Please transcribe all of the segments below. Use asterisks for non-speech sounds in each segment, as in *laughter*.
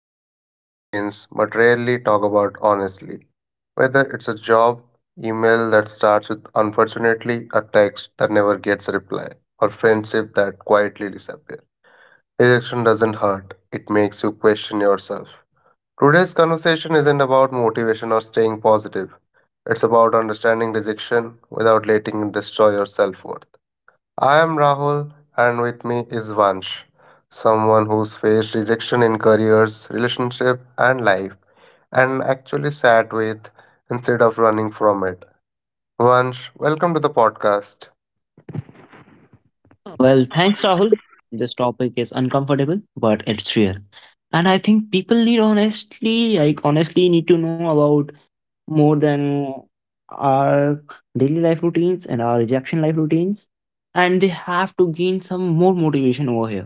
we all experience but rarely talk about honestly. Whether it's a job, email that starts with unfortunately, a text that never gets a reply, or friendship that quietly disappears. Rejection doesn't hurt, it makes you question yourself. Today's conversation isn't about motivation or staying positive, it's about understanding rejection without letting it destroy your self worth. I am Rahul, and with me is Vansh, someone who's faced rejection in careers, relationship, and life, and actually sat with instead of running from it. Vansh, welcome to the podcast. Well, thanks, Rahul. This topic is uncomfortable, but it's real. And I think people need honestly, like, honestly need to know about more than our daily life routines and our rejection life routines. And they have to gain some more motivation over here.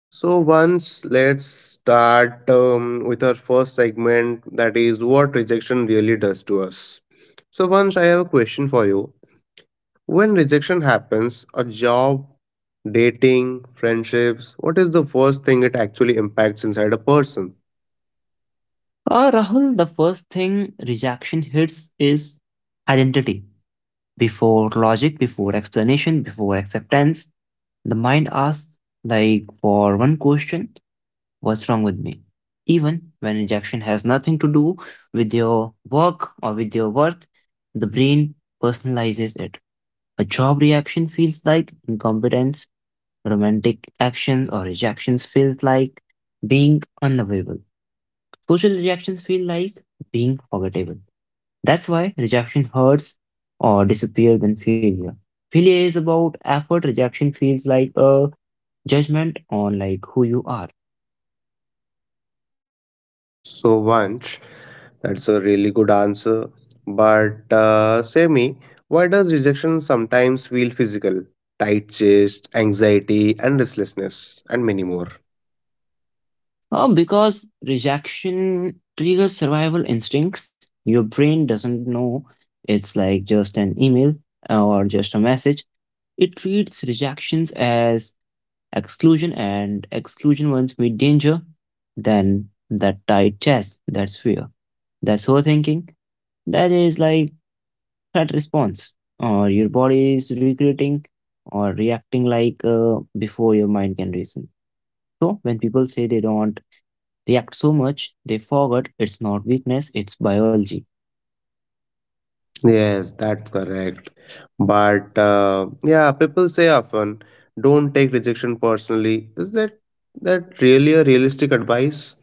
So, once let's start with our first segment that is what rejection really does to us. So, Vansh, I have a question for you. When rejection happens, a job, dating, friendships, what is the first thing it actually impacts inside a person? Rahul, the first thing rejection hits is identity. Before logic, before explanation, before acceptance, the mind asks, like, for one question, what's wrong with me even when rejection has nothing to do with your work or with your worth. The brain personalizes it. A job reaction feels like incompetence. Romantic actions or rejections feel like being unlovable. Social reactions feel like being forgettable. That's why rejection hurts or disappears than failure. Failure is about effort. Rejection feels like a judgment on like who you are. So, much. That's a really good answer. But, say me, why does rejection sometimes feel physical? Tight chest, anxiety, and restlessness, and many more. Oh, because rejection triggers survival instincts. Your brain doesn't know it's like just an email or just a message. It treats rejections as exclusion, and exclusion once meet danger. Then that tight chest, that's fear, that's overthinking. That is like threat response, or your body is recreating or reacting like before your mind can reason. So when people say they don't react so much, they forget it's not weakness, it's biology. Yes, that's correct. But, yeah, people say often, don't take rejection personally. Is that really a realistic advice?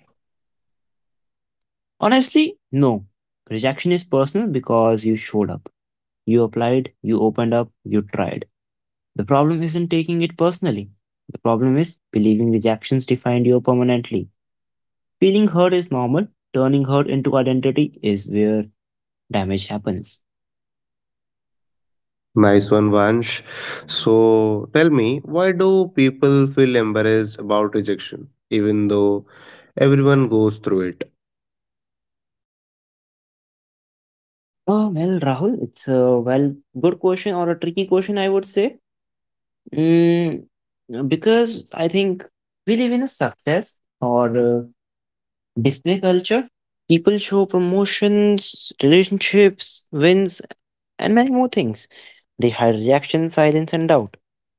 Honestly, no. Rejection is personal because you showed up. You applied, you opened up, you tried. The problem isn't taking it personally. The problem is believing rejections defined you permanently. Feeling hurt is normal, turning hurt into identity is where damage happens. Nice one, Vansh. So tell me, why do people feel embarrassed about rejection, even though everyone goes through it? Oh, well, Rahul, it's a well good question or a tricky question, I would say. Mm, because I think we live in a success or display culture. People show promotions, relationships, wins, and many more things. They hide reaction, silence, and doubt.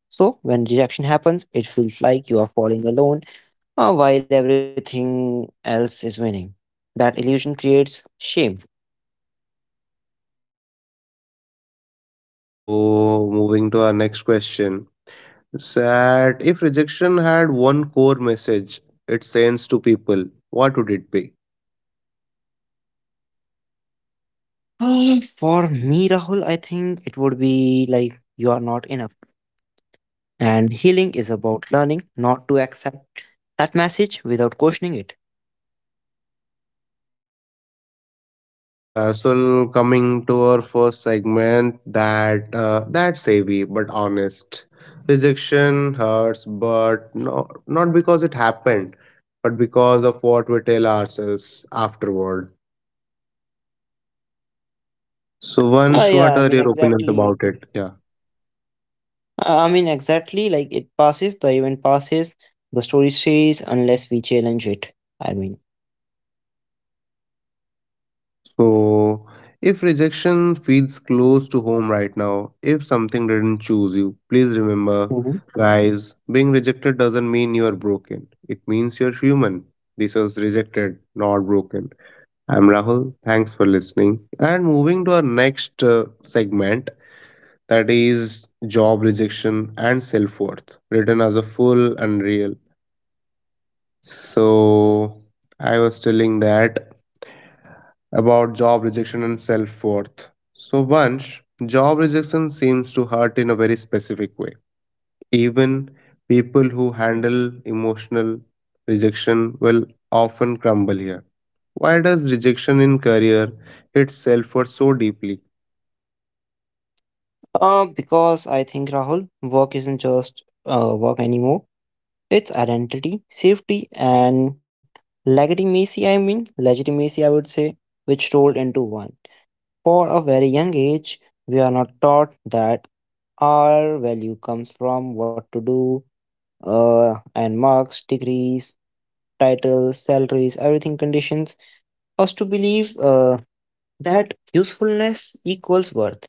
So, when reaction happens, it feels like you are falling alone while everything else is winning. That illusion creates shame. So, moving to our next question. That if rejection had one core message it sends to people, what would it be? *gasps* For me, Rahul, I think it would be like you are not enough. And healing is about learning not to accept that message without questioning it. Yeah, so coming to our first segment, that that's heavy but honest. Rejection hurts, but no, not because it happened, but because of what we tell ourselves afterward. So, Ah, Vansh, yeah, what I are mean, your opinions exactly. about it? Yeah. I mean, exactly. Like it passes, the event passes, the story stays unless we challenge it. I mean, So, if rejection feels close to home right now, if something didn't choose you, please remember, hmm guys, being rejected doesn't mean you are broken. It means you're human. This was rejected, not broken. I'm Rahul. Thanks for listening. And moving to our next segment that is job rejection and self worth, written as a full and real. So, I was telling that about job rejection and self worth. So, once job rejection seems to hurt in a very specific way. Even people who handle emotional rejection will often crumble here. Why does rejection in career hit self worth so deeply? Because I think Rahul, work isn't just work anymore. It's identity, safety, and legitimacy. I mean, legitimacy. I would say, which rolled into one. For a very young age, we are not taught that our value comes from what to do, and marks, degrees, titles, salaries, everything conditions us to believe that usefulness equals worth.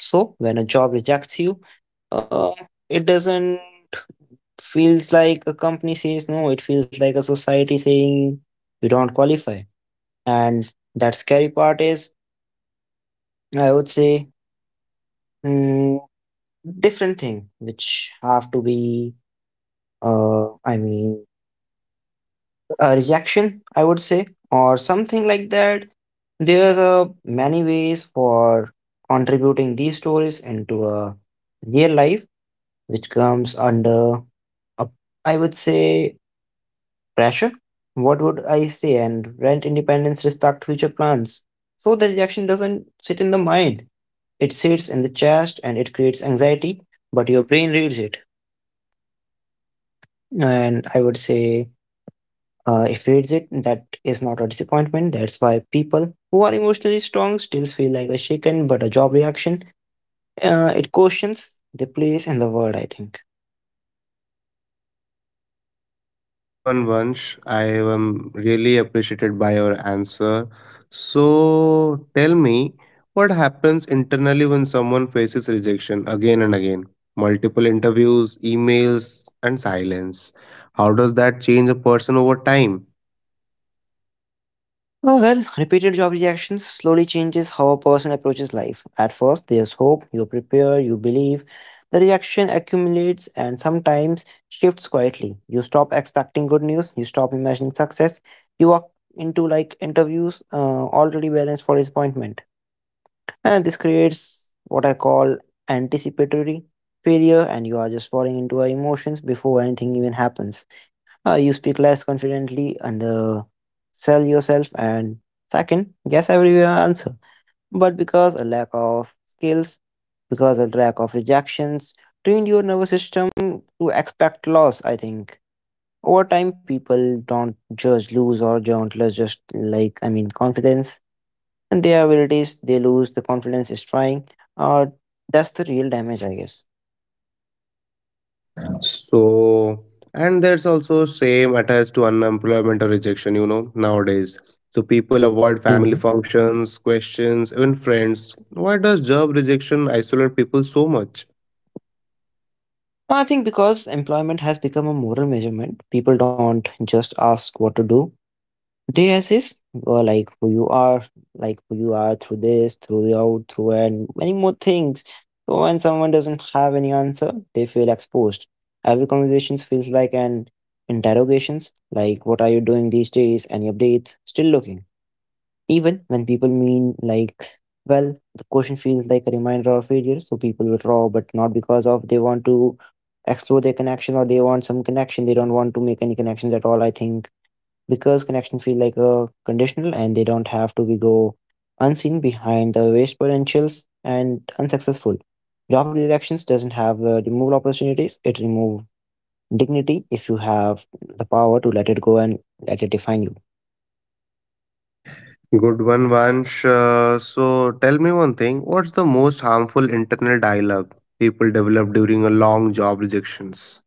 So when a job rejects you, uh, it doesn't feels like a company says no. It feels like a society saying you don't qualify. And that scary part is, I would say, mm, different thing which have to be. I mean, a rejection, I would say, or something like that. There's a many ways for contributing these stories into a real life, which comes under, a, I would say, pressure. What would I say? And rent independence, respect future plans. So the rejection doesn't sit in the mind; it sits in the chest, and it creates anxiety. But your brain reads it, and I would say, if reads it, that is not a disappointment. That's why people who are emotionally strong still feel like a shaken, but a job reaction, it questions the place in the world, I think. Good one, Vansh. I am really appreciated by your answer. So tell me, what happens internally when someone faces rejection again and again? Multiple interviews, emails, and silence. How does that change a person over time? Oh, well, repeated job rejections slowly changes how a person approaches life. At first, there's hope, you prepare, you believe. The reaction accumulates and sometimes shifts quietly. You stop expecting good news, you stop imagining success, you walk into like interviews already balanced for disappointment. And this creates what I call anticipatory failure, and you are just falling into our emotions before anything even happens. You speak less confidently and sell yourself and second guess every answer, but because a lack of skills, because a lack of rejections trained your nervous system to expect loss. I think over time people don't judge lose or don't lose, just like, I mean, confidence and their abilities. They lose the confidence is trying, or that's the real damage, I guess. So, and there's also shame attached to unemployment or rejection, you know, nowadays. So people avoid family hmm functions, questions, even friends. Why does job rejection isolate people so much? I think because employment has become a moral measurement, people don't just ask what to do. They assist like who you are, like who you are through this, through the out, through and many more things. So when someone doesn't have any answer, they feel exposed. Every conversation feels like an interrogations, like what are you doing these days? Any updates? Still looking. Even when people mean like well, the question feels like a reminder of failure, so people withdraw, but not because of they want to explore their connection or they want some connection. They don't want to make any connections at all. I think because connections feel like a conditional, and they don't have to be go unseen behind the waste potentials and unsuccessful job elections doesn't have the remove opportunities, it remove dignity if you have the power to let it go and let it define you. Good one, Vansh. So tell me one thing. What's the most harmful internal dialogue people develop during a long job rejections?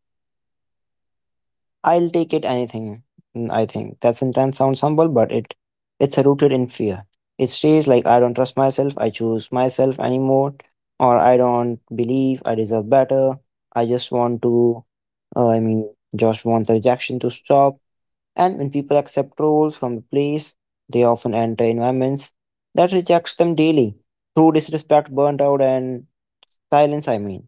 I'll take it anything. I think that sentence sounds humble, but it's rooted in fear. It stays like I don't trust myself, I choose myself anymore, or I don't believe I deserve better. I just want to, I mean, just want the rejection to stop. And when people accept roles from the place, they often enter environments that rejects them daily through disrespect, burnt out, and silence. I mean.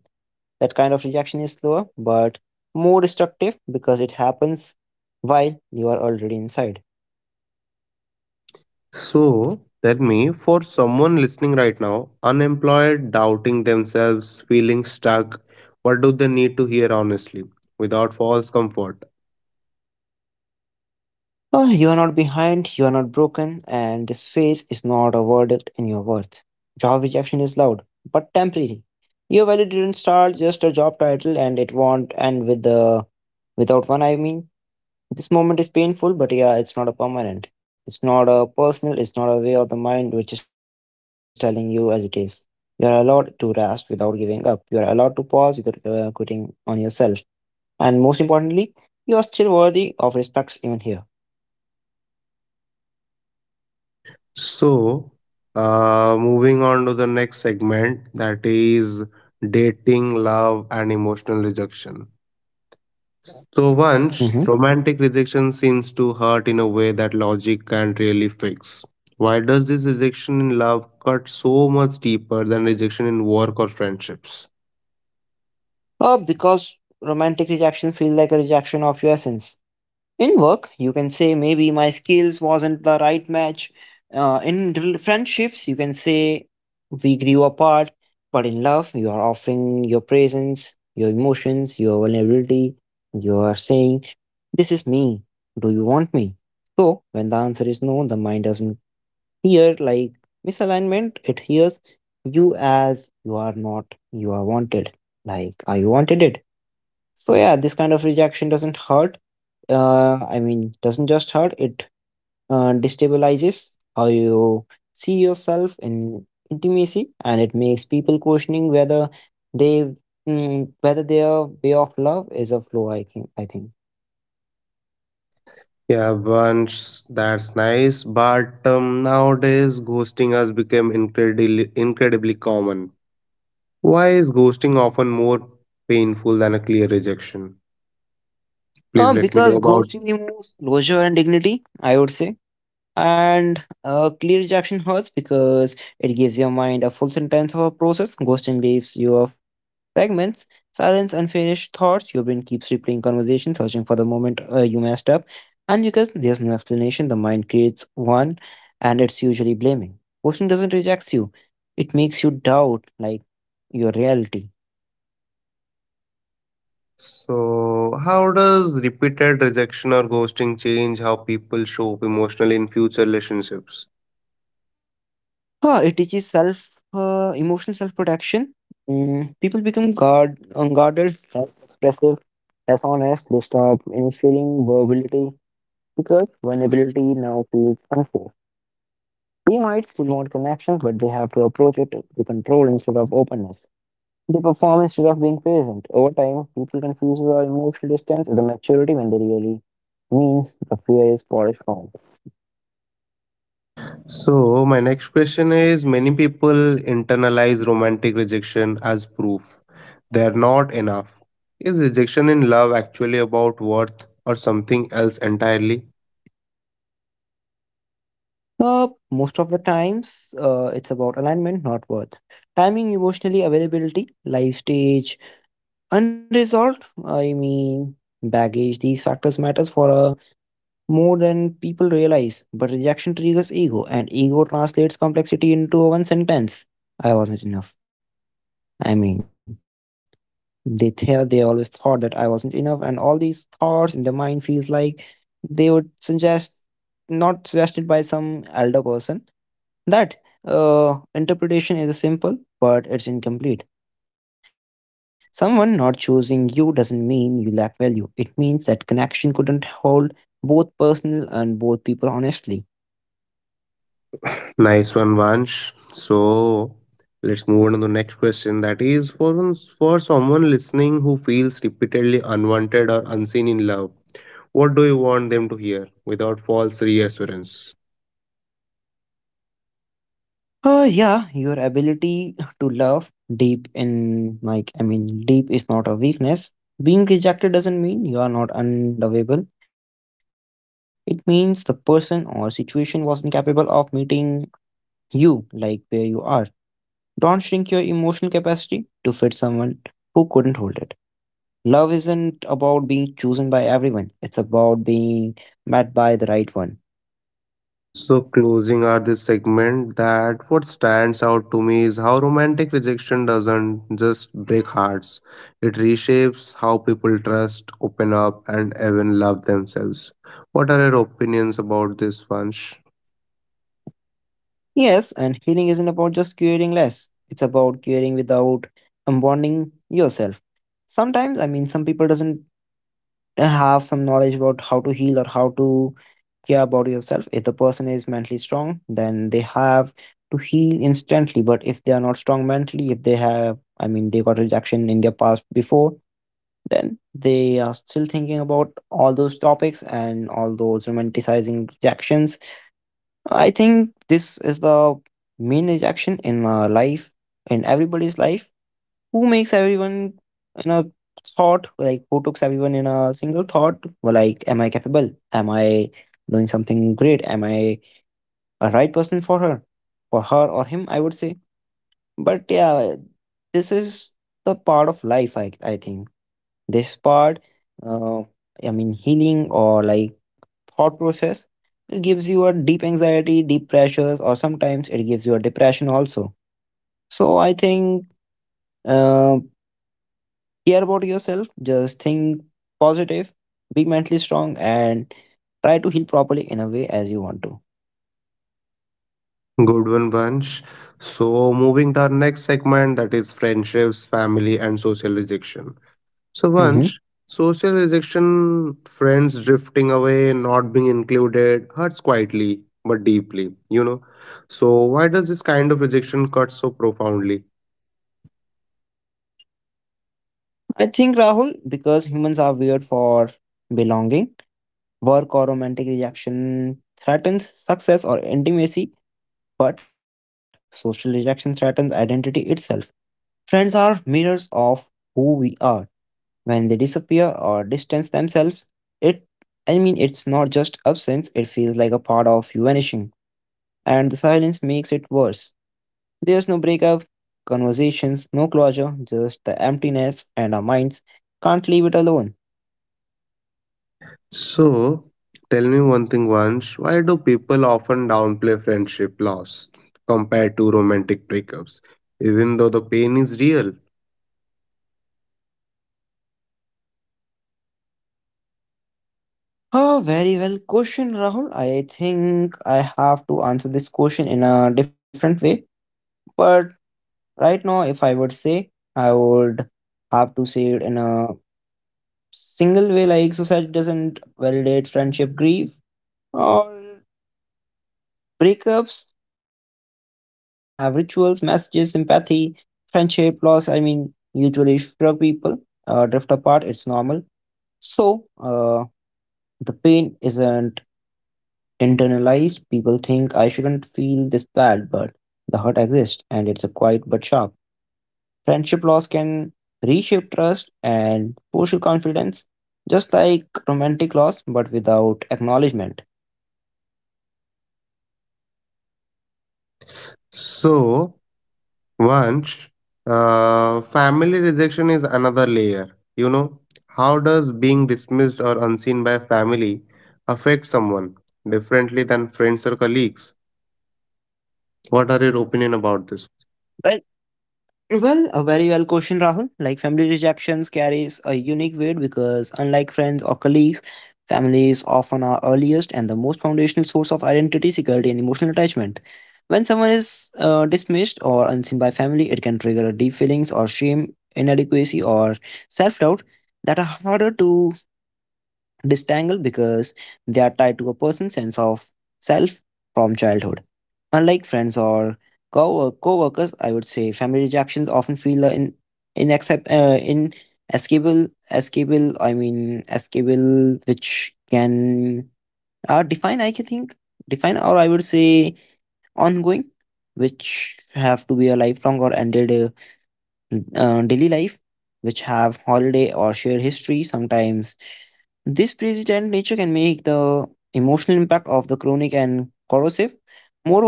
That kind of rejection is slower but more destructive because it happens while you are already inside. So tell me, for someone listening right now, unemployed, doubting themselves, feeling stuck, what do they need to hear honestly without false comfort? Oh, you are not behind, you are not broken, and this phase is not a verdict in your worth. Job rejection is loud but temporary. Your value didn't start just a job title, and it won't end with the without one. I mean, this moment is painful, but yeah, it's not a permanent. It's not a personal, it's not a way of the mind which is telling you as it is. You are allowed to rest without giving up. You are allowed to pause without quitting on yourself. And most importantly, you are still worthy of respect even here. So, moving on to the next segment that is dating, love, and emotional rejection. So once Mm-hmm. romantic rejection seems to hurt in a way that logic can't really fix. Why does this rejection in love cut so much deeper than rejection in work or friendships? Because romantic rejection feels like a rejection of your essence. In work you can say maybe my skills wasn't the right match. In friendships you can say we grew apart, but in love you are offering your presence, your emotions, your vulnerability. You are saying, this is me, do you want me? So when the answer is no, the mind doesn't hear like misalignment, it hears you as you are not, you are wanted, like I wanted it. So yeah, this kind of rejection doesn't hurt, I mean, doesn't just hurt, it destabilizes how you see yourself in intimacy, and it makes people questioning whether they whether their way of love is a flaw. I think. I think. Yeah, once that's nice, but nowadays ghosting has become incredibly common. Why is ghosting often more painful than a clear rejection? Please let me know Because about. ghosting removes closure and dignity. I would say. And clear rejection hurts because it gives your mind a full sentence of a process. Ghosting leaves you fragments, silence, unfinished thoughts. Your brain keeps replaying conversations, searching for the moment you messed up. And because there's no explanation, the mind creates one, and it's usually blaming. Question doesn't reject you, it makes you doubt like your reality. So, how does repeated rejection or ghosting change how people show up emotionally in future relationships? Huh, it teaches self emotional self protection. People become guard unguarded, less expressive, less honest. They stop initiating vulnerability because vulnerability now feels unsafe. We might still want connection, but they have to approach it to control instead of openness. They perform instead of being present. Over time, people confuse the emotional distance with the maturity when they really means the fear is polished form. So, my next question is many people internalize romantic rejection as proof they're not enough. Is rejection in love actually about worth or something else entirely? Most of the times, it's about alignment, not worth. Timing, emotionally availability, life stage, unresolved. I mean, baggage. These factors matters for a more than people realize, but rejection triggers ego, and ego translates complexity into one sentence. I wasn't enough. I mean, they they always thought that I wasn't enough, and all these thoughts in their mind feels like they would suggest, not suggested by some elder person, that interpretation is simple, but it's incomplete. Someone not choosing you doesn't mean you lack value. It means that connection couldn't hold both personal and both people honestly. Nice one, Vansh. So, let's move on to the next question that is for someone listening who feels repeatedly unwanted or unseen in love. What do you want them to hear without false reassurance? Yeah, your ability to love deep in, like, I mean deep is not a weakness. Being rejected doesn't mean you are not unlovable. It means the person or situation was incapable of meeting you like where you are. Don't shrink your emotional capacity to fit someone who couldn't hold it. Love isn't about being chosen by everyone. It's about being met by the right one. So, closing out this segment, that what stands out to me is how romantic rejection doesn't just break hearts, it reshapes how people trust, open up, and even love themselves. What are your opinions about this, Vansh? Yes, and healing isn't about just curing less. It's about curing without unbonding yourself. Sometimes, I mean, some people doesn't have some knowledge about how to heal or how to care about yourself. If the person is mentally strong, then they have to heal instantly. But if they are not strong mentally, if they have, they got rejection in their past before, then they are still thinking about all those topics and all those romanticizing rejections. I think this is the main rejection in life, in everybody's life. Who makes everyone in a thought, like who takes everyone in a single thought, well, like, am I capable? Am I doing something great? Am I a right person for her? For her or him, I would say. But yeah, this is the part of life, I think. This part, uh, healing or like thought process. It gives you a deep anxiety, deep pressures, or sometimes it gives you a depression also. So I think uh, care about yourself, just think positive, be mentally strong, and try to heal properly in a way as you want to. Good one, Vansh. So, moving to our next segment, that is friendships, family, and social rejection. So once Hmm. social rejection, friends drifting away, not being included, hurts quietly but deeply, you know. So why does this kind of rejection cut so profoundly? I think Rahul, because humans are weird for belonging, work or romantic rejection threatens success or intimacy, but social rejection threatens identity itself. Friends are mirrors of who we are. When they disappear or distance themselves, it, I mean it's not just absence, it feels like a part of you vanishing. And the silence makes it worse. There's no breakup conversations, no closure, just the emptiness, and our minds can't leave it alone. So tell me one thing once, why do people often downplay friendship loss compared to romantic breakups, even though the pain is real? Oh, very well question, Rahul. I think I have to answer this question in a different way, but right now if I would say, I would have to say it in a single way, like society doesn't validate friendship grief or breakups. Have rituals, messages, empathy. Friendship loss, I mean, usually shrug people drift apart, it's normal. So the pain isn't internalized. People think I shouldn't feel this bad, but the hurt exists and it's a quiet but sharp. Friendship loss can reshape trust and social confidence just like romantic loss, but without acknowledgement. So once, family rejection is another layer. You know, how does being dismissed or unseen by family affect someone differently than friends or colleagues? What are your opinion about this? Well, Well, a very well question, Rahul. Like family rejections carries a unique weight because unlike friends or colleagues, families often are earliest and the most foundational source of identity, security, and emotional attachment. When someone is dismissed or unseen by family, it can trigger deep feelings or shame, inadequacy, or self-doubt that are harder to disentangled because they are tied to a person's sense of self from childhood. Unlike friends or co-workers, I would say family rejections often feel in inaccept- inescapable, escapable, I mean, escapable, which can are define, I can think, define, or I would say ongoing, which have to be a lifelong or ended daily life, which have holiday or shared history. Sometimes this persistent nature can make the emotional impact of the chronic and corrosive.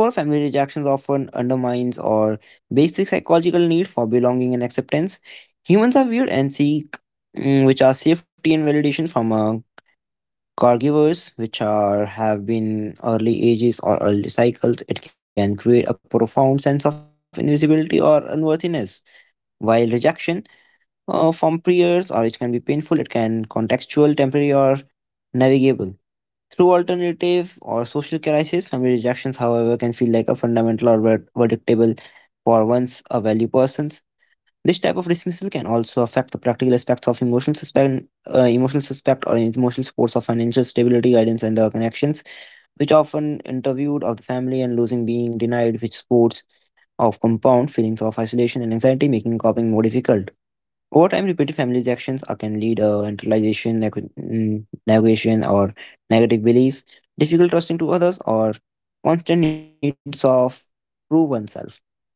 Moreover, family rejections often undermines our basic psychological need for belonging and acceptance. Humans are weird and seek which are safety and validation from caregivers, which are have been early ages or early cycles. It can create a profound sense of invisibility or unworthiness. While rejection from peers, or it can be painful, it can contextual, temporary, or navigable. Through alternative or social crisis, family rejections, however, can feel like a fundamental or verdict-able for once a value persons. This type of dismissal can also affect the practical aspects of emotional suspect or emotional supports of financial stability, guidance, and the connections, which often interviewed of the family and losing being denied, which supports of compound feelings of isolation and anxiety, making coping more difficult. Over time, repeated family actions can lead to internalization, negation, or negative beliefs, difficult trusting to others, or constant needs of prove oneself.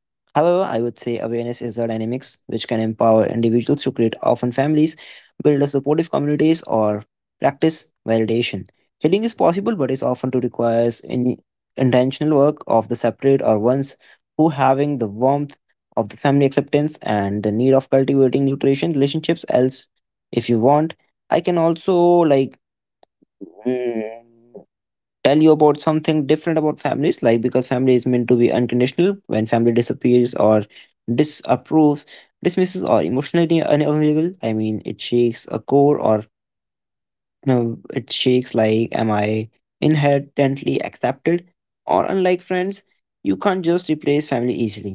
However, I would say awareness is the dynamics which can empower individuals to create often families, build a supportive communities, or practice validation. Healing is possible, but is often to requires in intentional work of the separate or ones who having the warmth of the family acceptance and the need of cultivating nutrition relationships else if you want. I can also like mm, tell you about something different about families, like because family is meant to be unconditional. When family disappears or disapproves, dismisses or emotionally unavailable, I mean it shakes a core, or no, it shakes like, am I inherently accepted? Or unlike friends, you can't just replace family easily.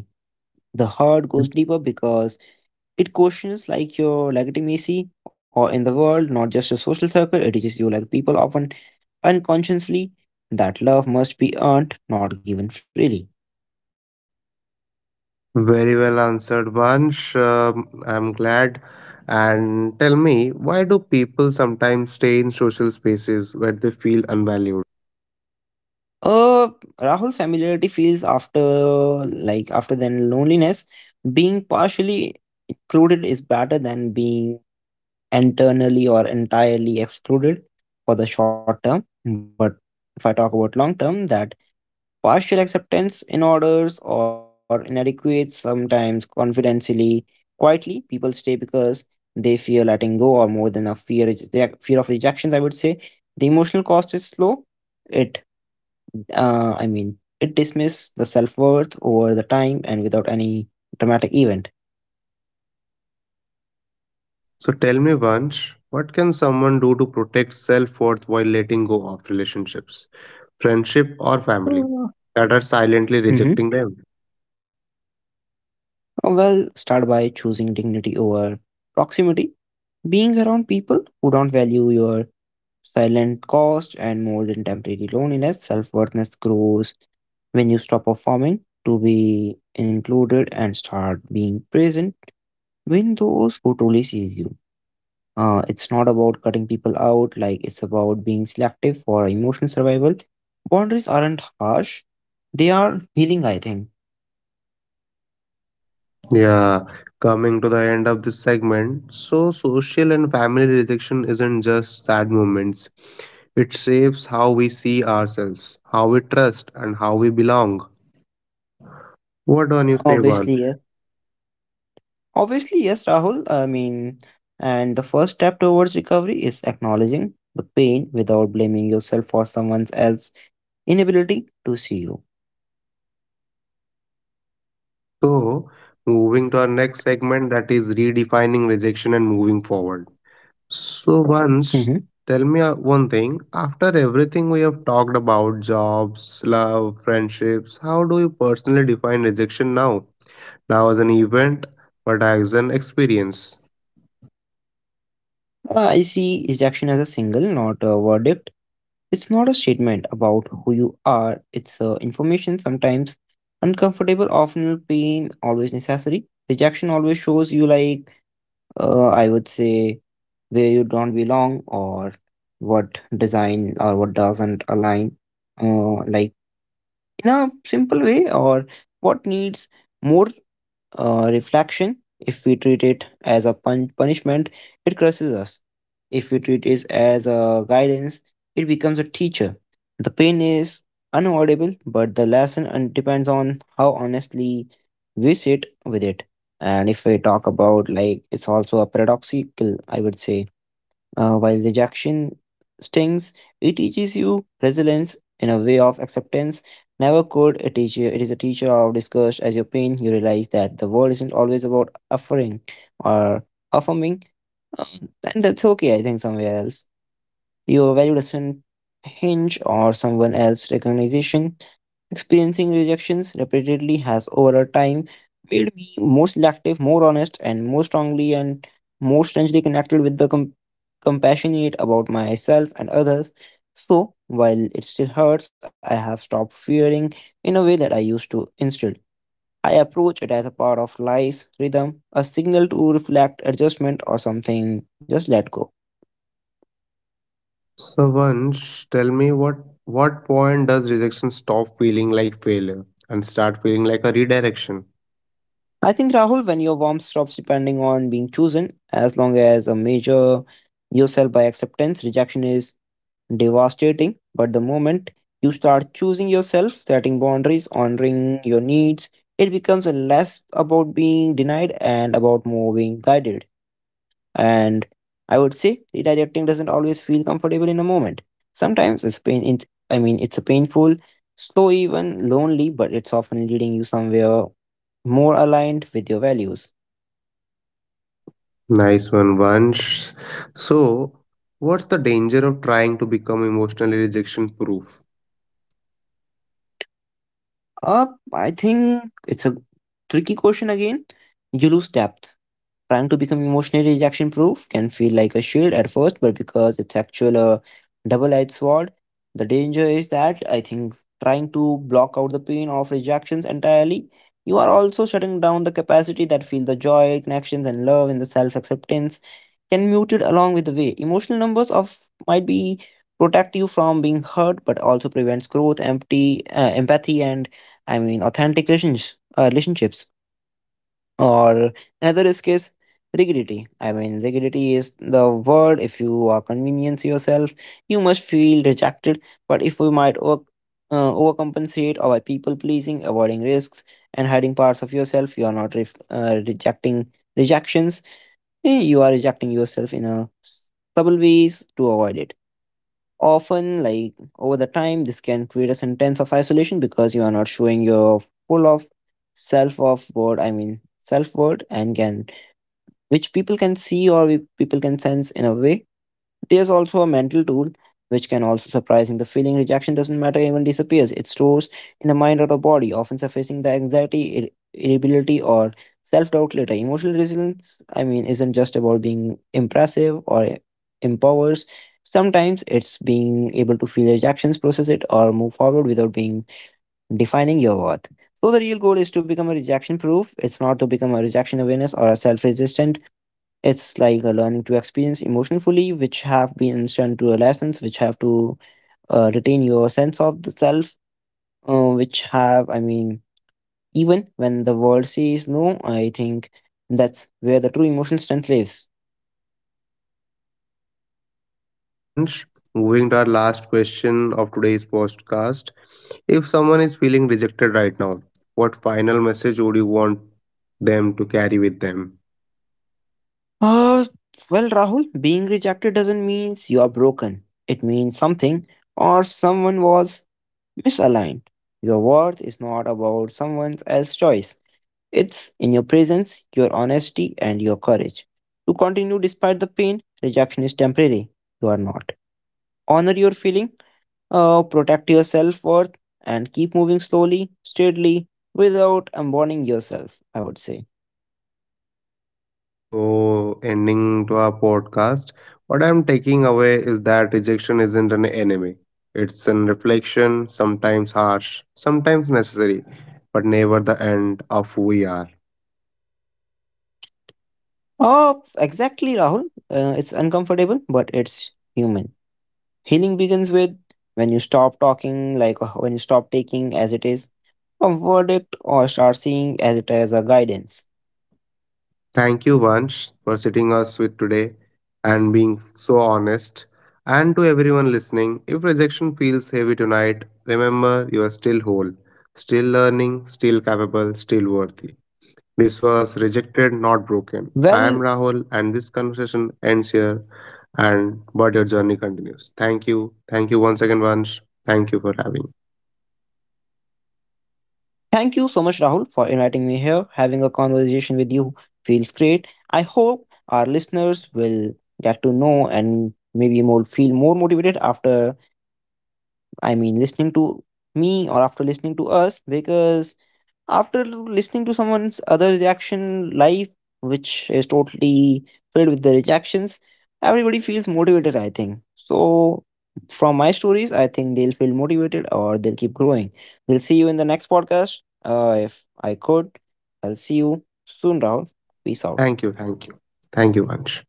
The hurt goes Mhm. deeper because it questions like your legitimacy or in the world, not just your social circle. It teaches you, like, people often unconsciously that love must be earned, not given freely. Very well answered, Vansh. I'm glad. And tell me, why do people sometimes stay in social spaces where they feel unvalued? Uh, Rahul, familiarity feels after, like after then loneliness. Being partially included is better than being internally or entirely excluded for the short term. But if I talk about long term, that partial acceptance in orders or inadequate, sometimes confidentially, quietly, people stay because they fear letting go, or more than a fear is- their fear of rejections. I would say the emotional cost is slow. It, uh, I mean, it dismiss the self worth over the time and without any dramatic event. So tell me, Vansh, what can someone do to protect self worth while letting go of relationships, friendship, or family Mm-hmm. that are silently rejecting them? Well, start by choosing dignity over proximity. Being around people who don't value your silent cost, and more than temporary loneliness. Self worthness grows when you stop performing to be included and start being present when those who truly sees you. It's not about cutting people out, like it's about being selective for emotional survival. Boundaries aren't harsh, they are healing, I think. Yeah, coming to the end of this segment. So, social and family rejection isn't just sad moments, it shapes how we see ourselves, how we trust, and how we belong. What on you say, Vansh? Obviously, yes. Obviously, yes, Rahul. And the first step towards recovery is acknowledging the pain without blaming yourself or someone else inability to see you. So, moving to our next segment that is redefining rejection and moving forward. So, Hmm. once tell me one thing after everything we have talked about jobs, love, friendships, how do you personally define rejection now? Now, as an event, but as an experience. I see rejection as a single, not a verdict. It's not a statement about who you are, it's information, sometimes uncomfortable, often pain, always necessary. Rejection always shows you, like, I would say, where you don't belong or what design or what doesn't align, like in a simple way, or what needs more reflection. If we treat it as a punishment, it crushes us. If we treat it as a guidance, it becomes a teacher. The pain is unavoidable, but the lesson depends on how honestly we sit with it. And if we talk about, like, it's also a paradoxical, I would say, while rejection stings, it teaches you resilience in a way of acceptance. Never could a teacher, it is a teacher of disgust as your pain. You realize that the world isn't always about offering or affirming, uh, and that's okay, I think, somewhere else. Your value doesn't hinge or someone else's recognition. Experiencing rejections repeatedly has over a time made me more selective, more honest, and more strongly and more strangely connected with the compassionate about myself and others. So while it still hurts, I have stopped fearing in a way that I used to. Instead, I approach it as a part of life's rhythm, a signal to reflect adjustment or something, just let go. So, once tell me what point does rejection stop feeling like failure and start feeling like a redirection? I think Rahul, when your warmth stops depending on being chosen, as long as a measure yourself by acceptance, rejection is devastating. But the moment you start choosing yourself, setting boundaries, honoring your needs, it becomes a less about being denied and about more being guided. And I would say redirecting doesn't always feel comfortable in a moment. Sometimes it's pain it's, I mean it's a painful, slow, even lonely, but it's often leading you somewhere more aligned with your values. Nice one, Vansh. So, what's the danger of trying to become emotionally rejection proof? Uh I think it's a tricky question again. You lose depth. Trying to become emotionally rejection proof can feel like a shield at first, but because it's actual a double edged sword, the danger is that, I think, trying to block out the pain of rejections entirely, you are also shutting down the capacity that feel the joy, connections, and love in the self acceptance can mute it along with the way. Emotional numbers of might be protect you from being hurt, but also prevents growth, empty, empathy, and I mean authentic relations, relationships or another risk is case rigidity. I mean rigidity is the word. If you are convenience yourself, you must feel rejected, but if we might work, overcompensate or by people pleasing, avoiding risks and hiding parts of yourself, you are not rejecting rejections. Eh, you are rejecting yourself in a subtle ways to avoid it often, like over the time this can create a sense of isolation because you are not showing your full of self of word, I mean self word, and can, which people can see, or people can sense in a way. There's also a mental tool which can also surprising. The feeling rejection doesn't matter even disappears. It stores in the mind or the body, often surfacing the anxiety, irritability, or self-doubt later. Emotional resilience, isn't just about being impressive or empowers. Sometimes it's being able to feel rejections, process it, or move forward without being defining your worth. So the real goal is to become a rejection proof. It's not to become a rejection awareness or a self-resistant. It's like a learning to experience emotion fully, which have been instant to a lessons, which have to retain your sense of the self, uh, which have, even when the world says no, I think that's where the true emotion strength lives. Once moving to our last question of today's podcast. If someone is feeling rejected right now, what final message would you want them to carry with them? Uh, well, Rahul, being rejected doesn't mean you are broken. It means something or someone was misaligned. Your worth is not about someone else's choice. It's in your presence, your honesty, and your courage. To continue despite the pain, rejection is temporary. You are not. Honor your feeling, protect your self worth, and keep moving slowly, steadily, without abandoning yourself, I would say. So, ending to our podcast, what I'm taking away is that rejection isn't an enemy. It's an reflection, sometimes harsh, sometimes necessary, but never the end of who we are. Oh, exactly, Rahul. It's uncomfortable, but it's human. Healing begins with when you stop talking, like when you stop taking as it is a verdict or start seeing as it as a guidance. Thank you, Vansh, for sitting us with today and being so honest. And to everyone listening, if rejection feels heavy tonight, remember you are still whole, still learning, still capable, still worthy. This was Well, Rejected, Not Broken. I am Rahul, and this conversation ends here, and but your journey continues. Thank you. Thank you once again, Vansh. Thank you for having. thank you so much, Rahul, for inviting me here. Having a conversation with you feels great. I hope our listeners will get to know and maybe more feel more motivated after, I mean listening to me or after listening to us, because after listening to someone's other reaction life, which is totally filled with the rejections, everybody feels motivated, I think. So from my stories, I think they'll feel motivated or they'll keep growing. We'll see you in the next podcast. If I could, I'll see you soon, Rahul. Peace out. Thank you. Thank you. Thank you, Vansh.